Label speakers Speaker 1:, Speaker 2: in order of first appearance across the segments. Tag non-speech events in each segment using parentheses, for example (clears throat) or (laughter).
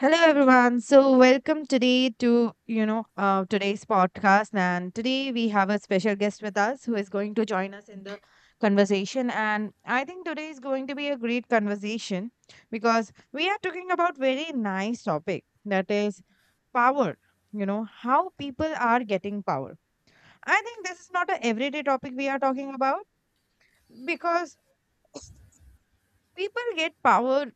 Speaker 1: Hello everyone. So welcome today to today's podcast, and today we have a special guest with us who is going to join us in the conversation. And I think today is going to be a great conversation because we are talking about very nice topic that is power. You know how people are getting power. I think this is not a everyday topic we are talking about because people get power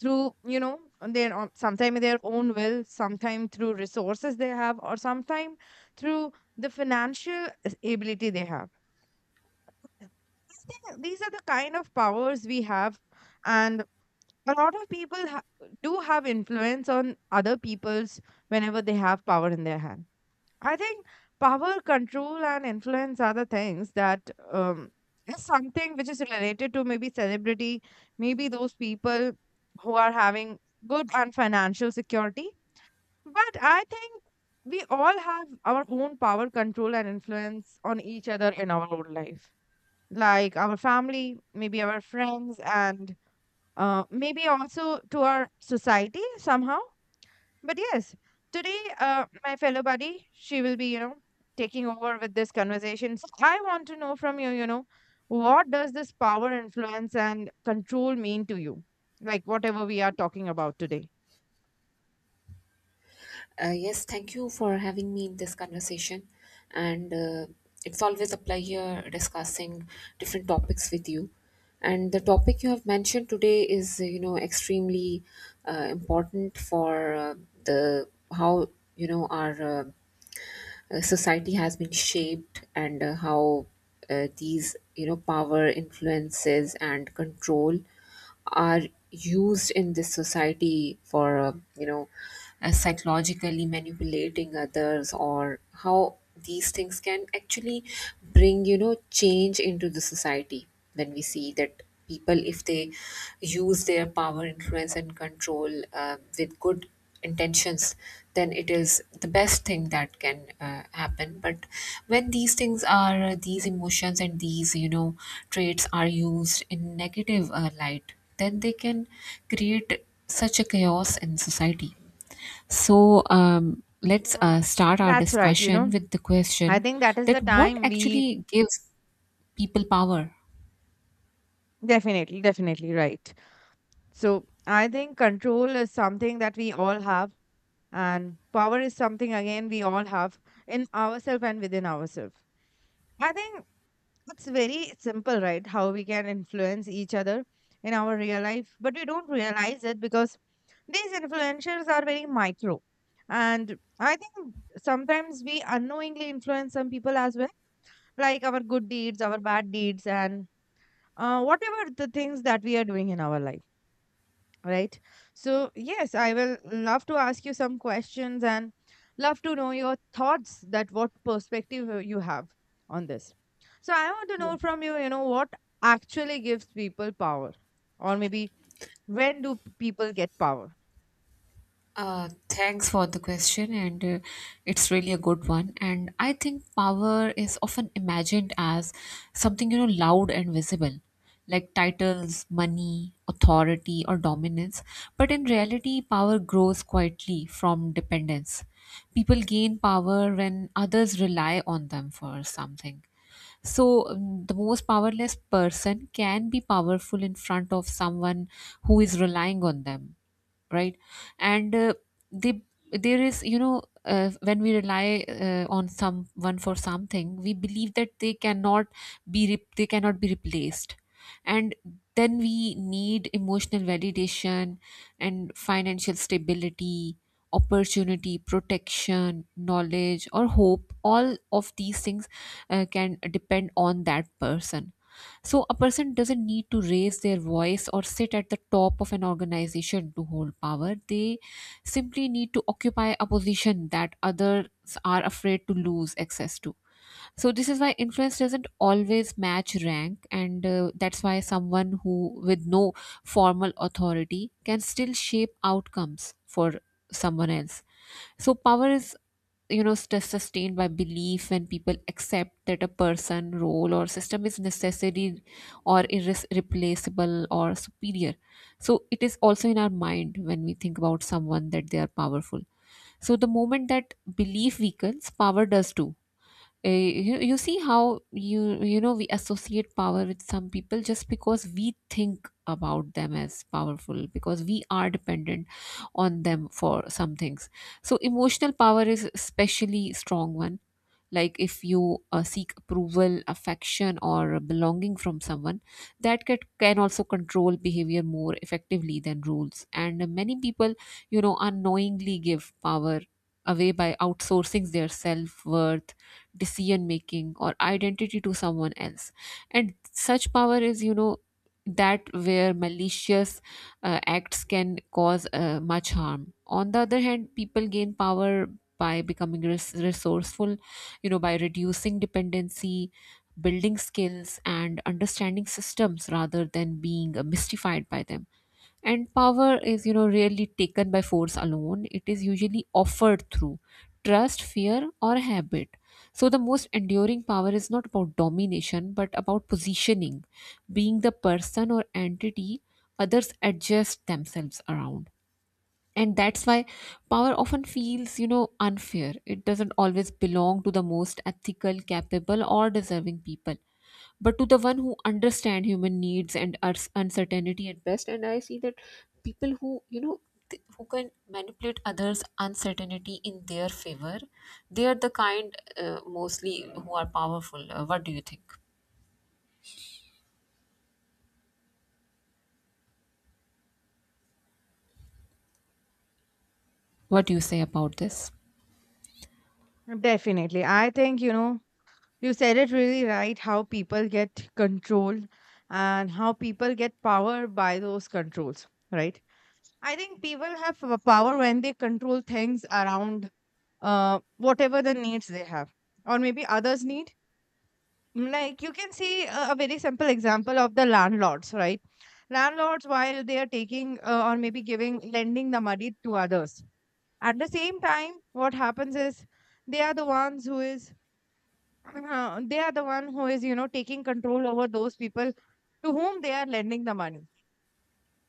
Speaker 1: through their own, sometime their own will, sometime through resources they have, or sometime through the financial ability they have. These are the kind of powers we have, and a lot of people do have influence on other people's whenever they have power in their hand. I think power, control, and influence are the things that is something which is related to maybe celebrity, maybe those people who are having good and financial security. But I think we all have our own power, control, and influence on each other in our own life, like our family, maybe our friends, and maybe also to our society somehow. But yes, today, my fellow buddy, she will be, taking over with this conversation. So I want to know from you, what does this power, influence, and control mean to you? Like whatever we are talking about today.
Speaker 2: Yes, thank you for having me in this conversation. And it's always a pleasure discussing different topics with you. And the topic you have mentioned today is, extremely important for the how our society has been shaped, and how these power influences and control are used in this society for you know psychologically manipulating others, or how these things can actually bring change into the society. When we see that people, if they use their power, influence, and control with good intentions, then it is the best thing that can happen. But when these things are, these emotions and these, traits are used in negative light, then they can create such a chaos in society. So let's
Speaker 1: Mm.
Speaker 2: start our
Speaker 1: That's right, you
Speaker 2: discussion
Speaker 1: know.
Speaker 2: with the
Speaker 1: I
Speaker 2: question
Speaker 1: think that is
Speaker 2: that
Speaker 1: the
Speaker 2: what
Speaker 1: time we.
Speaker 2: actually gives people power.
Speaker 1: Definitely, definitely, right. So I think control is something that we all have, and power is something again we all have in ourselves and within ourselves. I think it's very simple, right? How we can influence each other in our real life, but we don't realize it because these influencers are very micro. And I think sometimes we unknowingly influence some people as well, like our good deeds, our bad deeds, and whatever the things that we are doing in our life, right? So yes, I will love to ask you some questions, and love to know your thoughts, that what perspective you have on this. So I want to know from you, you know what actually gives people power, or maybe when do people get power.
Speaker 2: Thanks for the question, and it's really a good one. And I think power is often imagined as something loud and visible, like titles, money, authority, or dominance. But in reality, power grows quietly from dependence. People gain power when others rely on them for something. So, the most powerless person can be powerful in front of someone who is relying on them, right? And they, there is, when we rely on someone for something, we believe that they cannot they cannot be replaced, and then we need emotional validation and financial stability, opportunity, protection, knowledge, or hope. All of these things can depend on that person. So a person doesn't need to raise their voice or sit at the top of an organization to hold power. They simply need to occupy a position that others are afraid to lose access to. So this is why influence doesn't always match rank, and that's why someone who with no formal authority can still shape outcomes for someone else. So power is sustained by belief when people accept that a person, role, or system is necessary, or irreplaceable, or superior. So it is also in our mind when we think about someone that they are powerful. So the moment that belief weakens, power does too. You see how you you know we associate power with some people just because we think about them as powerful, because we are dependent on them for some things. So emotional power is especially strong one. Like if you seek approval, affection, or belonging from someone, that can also control behavior more effectively than rules. And many people unknowingly give power away by outsourcing their self-worth, decision making, or identity to someone else. And such power is that where malicious acts can cause much harm. On the other hand, people gain power by becoming resourceful, by reducing dependency, building skills, and understanding systems rather than being mystified by them. And power is, rarely taken by force alone. It is usually offered through trust, fear, or habit. So the most enduring power is not about domination but about positioning, being the person or entity others adjust themselves around. And that's why power often feels, unfair. It doesn't always belong to the most ethical, capable, or deserving people, but to the one who understand human needs and uncertainty at best. And I see that people who, who can manipulate others uncertainty in their favor, they are the kind, mostly, who are powerful. What do you think? What do you say about this?
Speaker 1: Definitely, I think, you said it really right, how people get control and how people get power by those controls, right? I think people have power when they control things around, whatever the needs they have, or maybe others need. Like you can see a very simple example of the landlords, right? Landlords, while they are taking, or maybe giving, lending the money to others, at the same time what happens is, they are the ones who is (clears throat) they are the one who is taking control over those people to whom they are lending the money.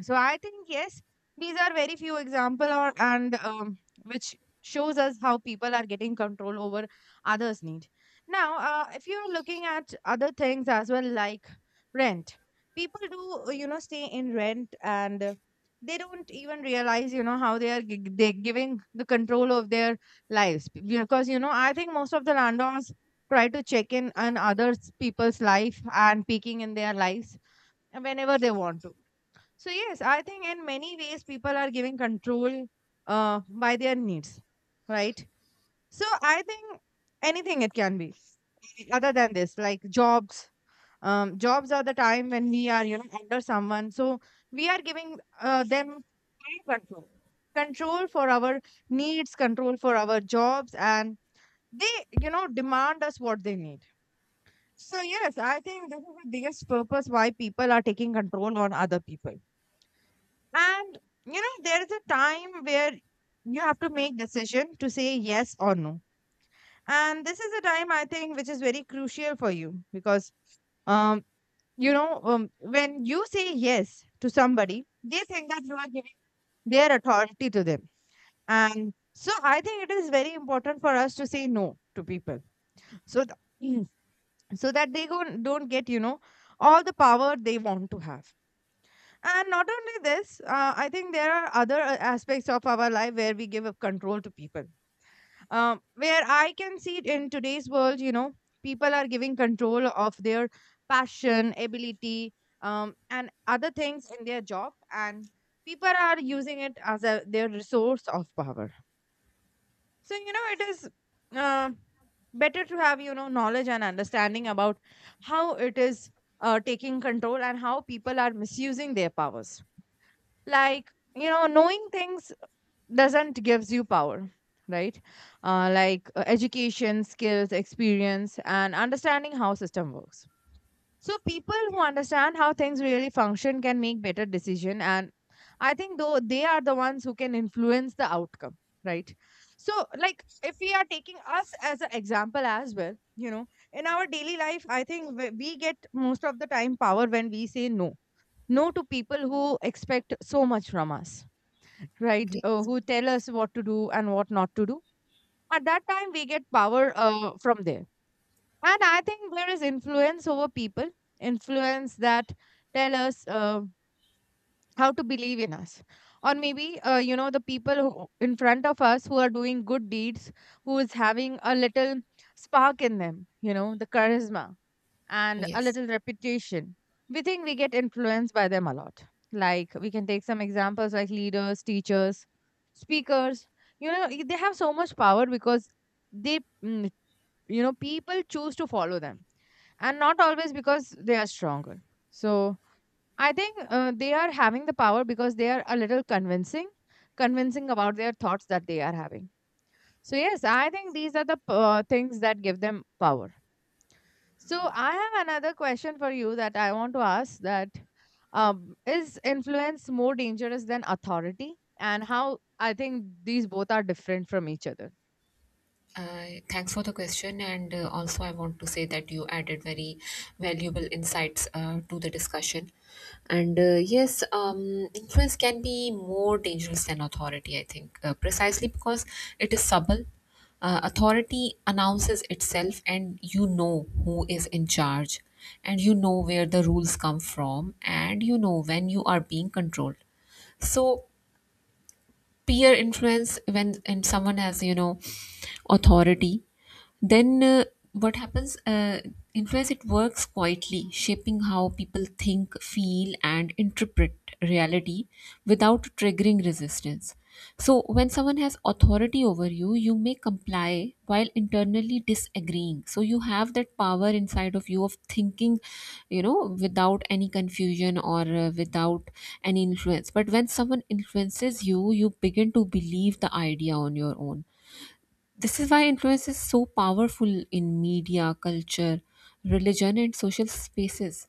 Speaker 1: So I think yes, these are very few example or and which shows us how people are getting control over others' need. Now, if you are looking at other things as well, like rent, people do stay in rent, and they don't even realize how they are they giving the control of their lives, because I think most of the landlords try to check in on others people's life and peeking in their lives whenever they want to. So yes, I think in many ways people are giving control, by their needs, right? So I think anything it can be other than this, like jobs. Jobs are the time when we are, under someone. So we are giving them time control, control for our needs, control for our jobs, and they, demand us what they need. So yes, I think this is the biggest purpose why people are taking control on other people, and there is a time where you have to make decision to say yes or no. And this is a time I think which is very crucial for you because um when you say yes to somebody, they think that you are giving their authority to them. And so I think it is very important for us to say no to people. So (clears throat) so that don't get, all the power they want to have. And not only this, I think there are other aspects of our life where we give up control to people. Where I can see it in today's world, people are giving control of their passion, ability, and other things in their job, and people are using it as their resource of power. So it is uh, better to have knowledge and understanding about how it is taking control and how people are misusing their powers, like, knowing things doesn't gives you power, right? Like education, skills, experience, and understanding how system works. So people who understand how things really function can make better decision, and I think though they are the ones who can influence the outcome, right? So, like if we are taking us as an example as well, in our daily life, I think we get most of the time power when we say no, no to people who expect so much from us, right?
Speaker 2: Yes.
Speaker 1: Who tell us what to do and what not to do. At that time, we get power from there. And I think there is influence over people, influence that tell us how to believe in us. Or maybe, the people who, in front of us, who are doing good deeds, who is having a little spark in them, the charisma and a
Speaker 2: Yes.
Speaker 1: little reputation, we think we get influenced by them a lot. Like we can take some examples like leaders, teachers, speakers. You know, y- they have so much power because they, mm, you know, people choose to follow them, and not always because they are stronger. So I think they are having the power because they are a little convincing about their thoughts that they are having. So, yes, I think these are the things that give them power. So I have another question for you that I want to ask, that is influence more dangerous than authority, and how I think these both are different from each other?
Speaker 2: Thanks for the question, and also I want to say that you added very valuable insights to the discussion. And yes, influence can be more dangerous than authority, I think, precisely because it is subtle. Authority announces itself, and you know who is in charge, and you know where the rules come from, and you know when you are being controlled. So peer influence, when and someone has, authority, then what happens, influence, it works quietly, shaping how people think, feel, and interpret reality without triggering resistance. So when someone has authority over you, you may comply while internally disagreeing. So you have that power inside of you of thinking, you know, without any confusion or without any influence. But when someone influences you, you begin to believe the idea on your own. This is why influence is so powerful in media, culture, religion, and social spaces.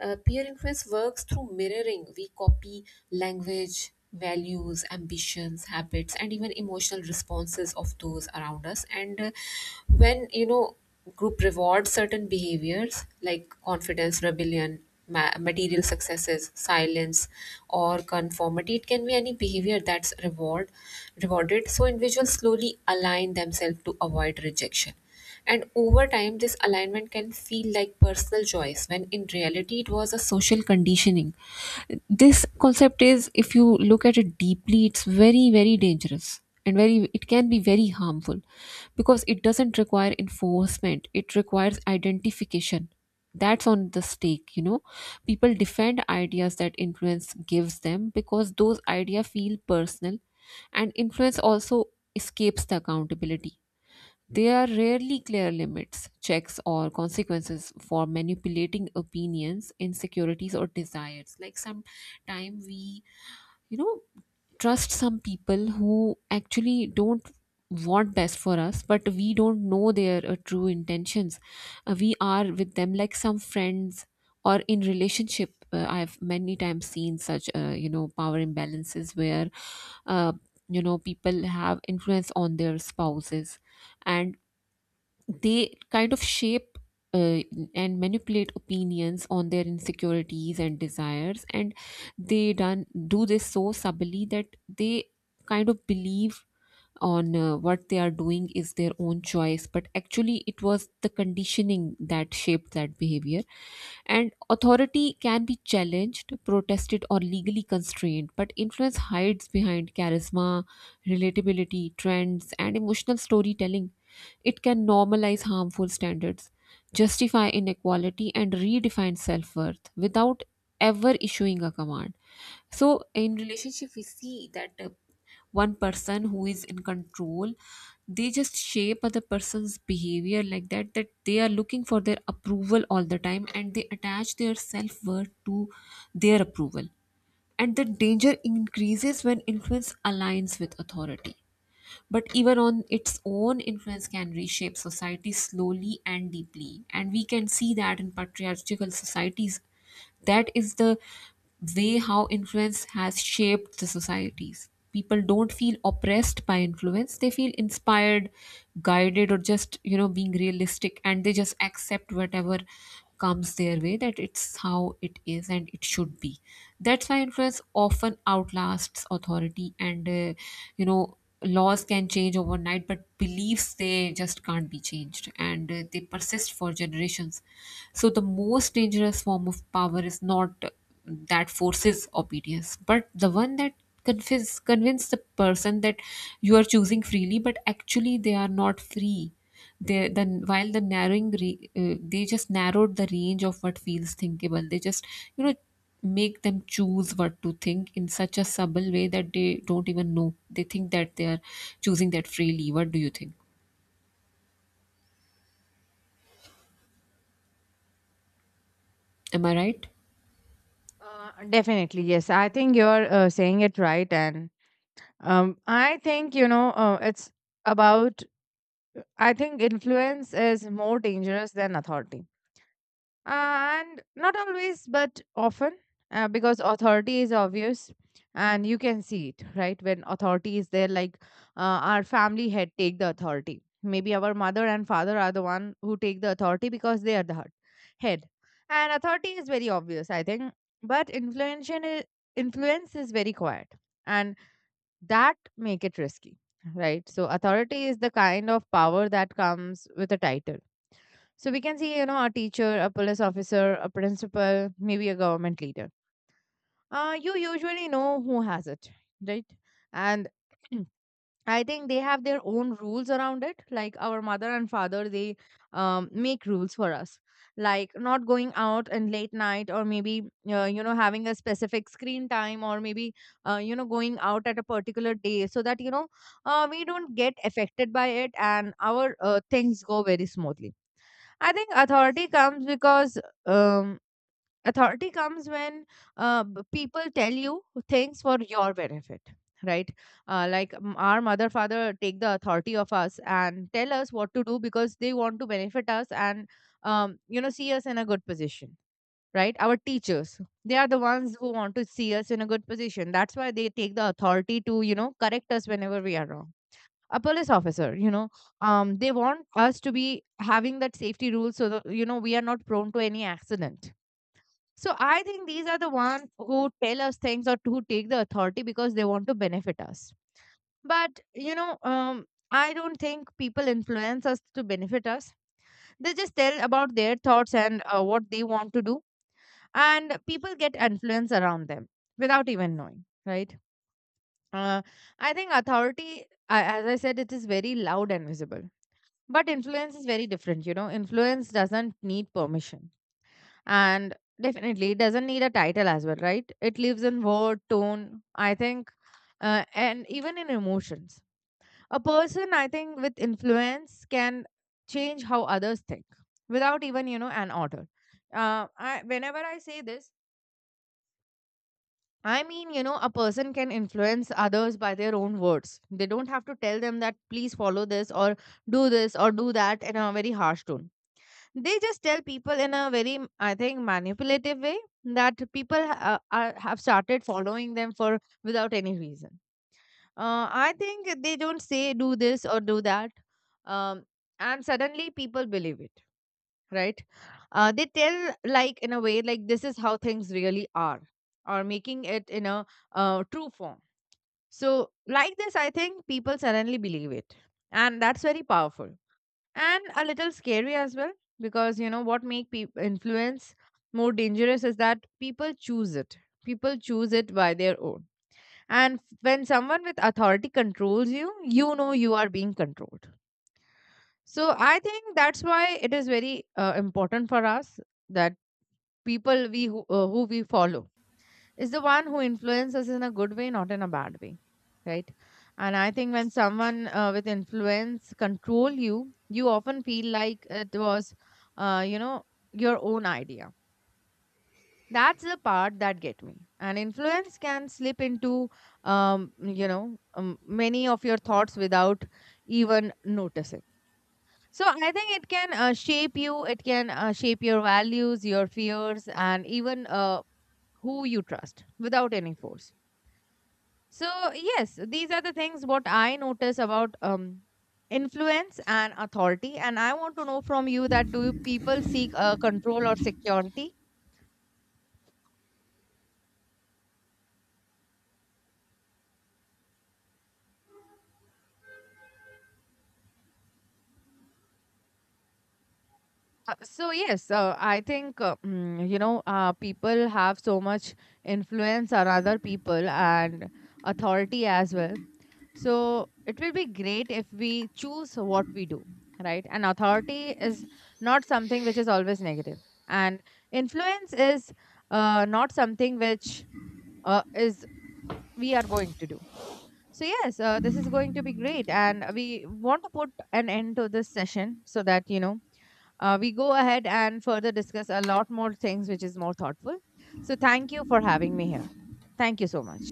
Speaker 2: Peer influence works through mirroring. We copy language, values, ambitions, habits, and even emotional responses of those around us. And when, you know, group rewards certain behaviors like confidence, rebellion, material successes, silence, or conformity, it can be any behavior that's rewarded. So individuals slowly align themselves to avoid rejection, and over time, this alignment can feel like personal choice when in reality it was a social conditioning. This concept is, if you look at it deeply, it's very, very dangerous, and very it can be very harmful because it doesn't require enforcement, it requires identification. That's on the stake, you know. People defend ideas that influence gives them because those ideas feel personal. And influence also escapes the accountability. There are rarely clear limits, checks, or consequences for manipulating opinions, insecurities, or desires. Like sometime we, you know, trust some people who actually don't want best for us, but we don't know their true intentions. We are with them like some friends or in relationship. I've many times seen such, you know, power imbalances where, uh, you know, people have influence on their spouses, and they kind of shape uh, and manipulate opinions on their insecurities and desires, and they done do this so subtly that they kind of believe on what they are doing is their own choice, but actually it was the conditioning that shaped that behavior. And authority can be challenged, protested, or legally constrained, but influence hides behind charisma, relatability, trends, and emotional storytelling. It can normalize harmful standards, justify inequality, and redefine self-worth without ever issuing a command. So in relationship we see that, one person who is in control, they just shape other person's behavior like that, that they are looking for their approval all the time, and they attach their self-worth to their approval. And the danger increases when influence aligns with authority, but even on its own, influence can reshape society slowly and deeply. And we can see that in patriarchal societies, that is the way how influence has shaped the societies. People don't feel oppressed by influence, they feel inspired, guided, or just, you know, being realistic, and they just accept whatever comes their way, that it's how it is and it should be. That's why influence often outlasts authority. And you know, laws can change overnight, but beliefs, they just can't be changed, and they persist for generations. So the most dangerous form of power is not that forces obedience, but the one that convince the person that you are choosing freely, but actually they are not free. They then, while the narrowing re- they just narrowed the range of what feels thinkable. They just, you know, make them choose what to think in such a subtle way that they don't even know. They think that they are choosing that freely. What do you think? Am I right?
Speaker 1: Definitely, yes. I think you're saying it right, and I think it's about, I think influence is more dangerous than authority. And not always, but often, because authority is obvious and you can see it, right? When authority is there, like our family head take the authority. Maybe our mother and father are the one who take the authority because they are the head. And authority is very obvious, I think. But influence is very quiet. And that make it risky, right? So authority is the kind of power that comes with a title. So we can see, a teacher, a police officer, a principal, maybe a government leader, you usually know who has it, right? And (clears throat) I think they have their own rules around it. Like our mother and father, they make rules for us, like not going out and late night, or maybe having a specific screen time, or maybe going out at a particular day, so that we don't get affected by it, and our things go very smoothly. I think um, authority comes when people tell you things for your benefit, right? Like our mother, father take the authority of us and tell us what to do because they want to benefit us, and see us in a good position, right? Our teachers, they are the ones who want to see us in a good position, that's why they take the authority to correct us whenever we are wrong. A police officer, they want us to be having that safety rule so that we are not prone to any accident. So I think these are the ones who tell us things or who take the authority because they want to benefit us. But I don't think people influence us to benefit us. They just tell about their thoughts and what they want to do, and people get influence around them without even knowing, right? Uh, I think authority, as I said, it is very loud and visible. But influence is very different. Influence doesn't need permission, and definitely it doesn't need a title as well, right? It lives in word tone, I think, and even in emotions. A person, I think, with influence can change how others think without even an order. Whenever I say this, I mean, a person can influence others by their own words. They don't have to tell them that please follow this, or do this, or do that, in a very harsh tone. They just tell people in a very, I think, manipulative way, that people have started following them for, without any reason. I think they don't say do this or do that, um, and suddenly people believe it, right? They tell like in a way like, this is how things really are, or making it in a true form. So like this, I think people suddenly believe it, and that's very powerful, and a little scary as well. Because what make peop influence more dangerous is that people choose it. People choose it by their own, and when someone with authority controls you, you know you are being controlled. So I think that's why it is very important for us, that people who we follow is the one who influences in a good way, not in a bad way, right? And I think when someone with influence control you, you often feel like it was, uh, you know, your own idea. That's the part that get me. And influence can slip into, many of your thoughts without even noticing. So I think it can shape you. It can shape your values, your fears, and even who you trust without any force. So, yes, these are the things what I notice about influence and authority. And I want to know from you, that do you people seek control or security? So yes, I think people have so much influence on other people and authority as well. So it will be great if we choose what we do, right? And authority is not something which is always negative. And influence is not something which is we are going to do. So yes, this is going to be great, and we want to put an end to this session so that we go ahead and further discuss a lot more things which is more thoughtful. So thank you for having me here. Thank you so much.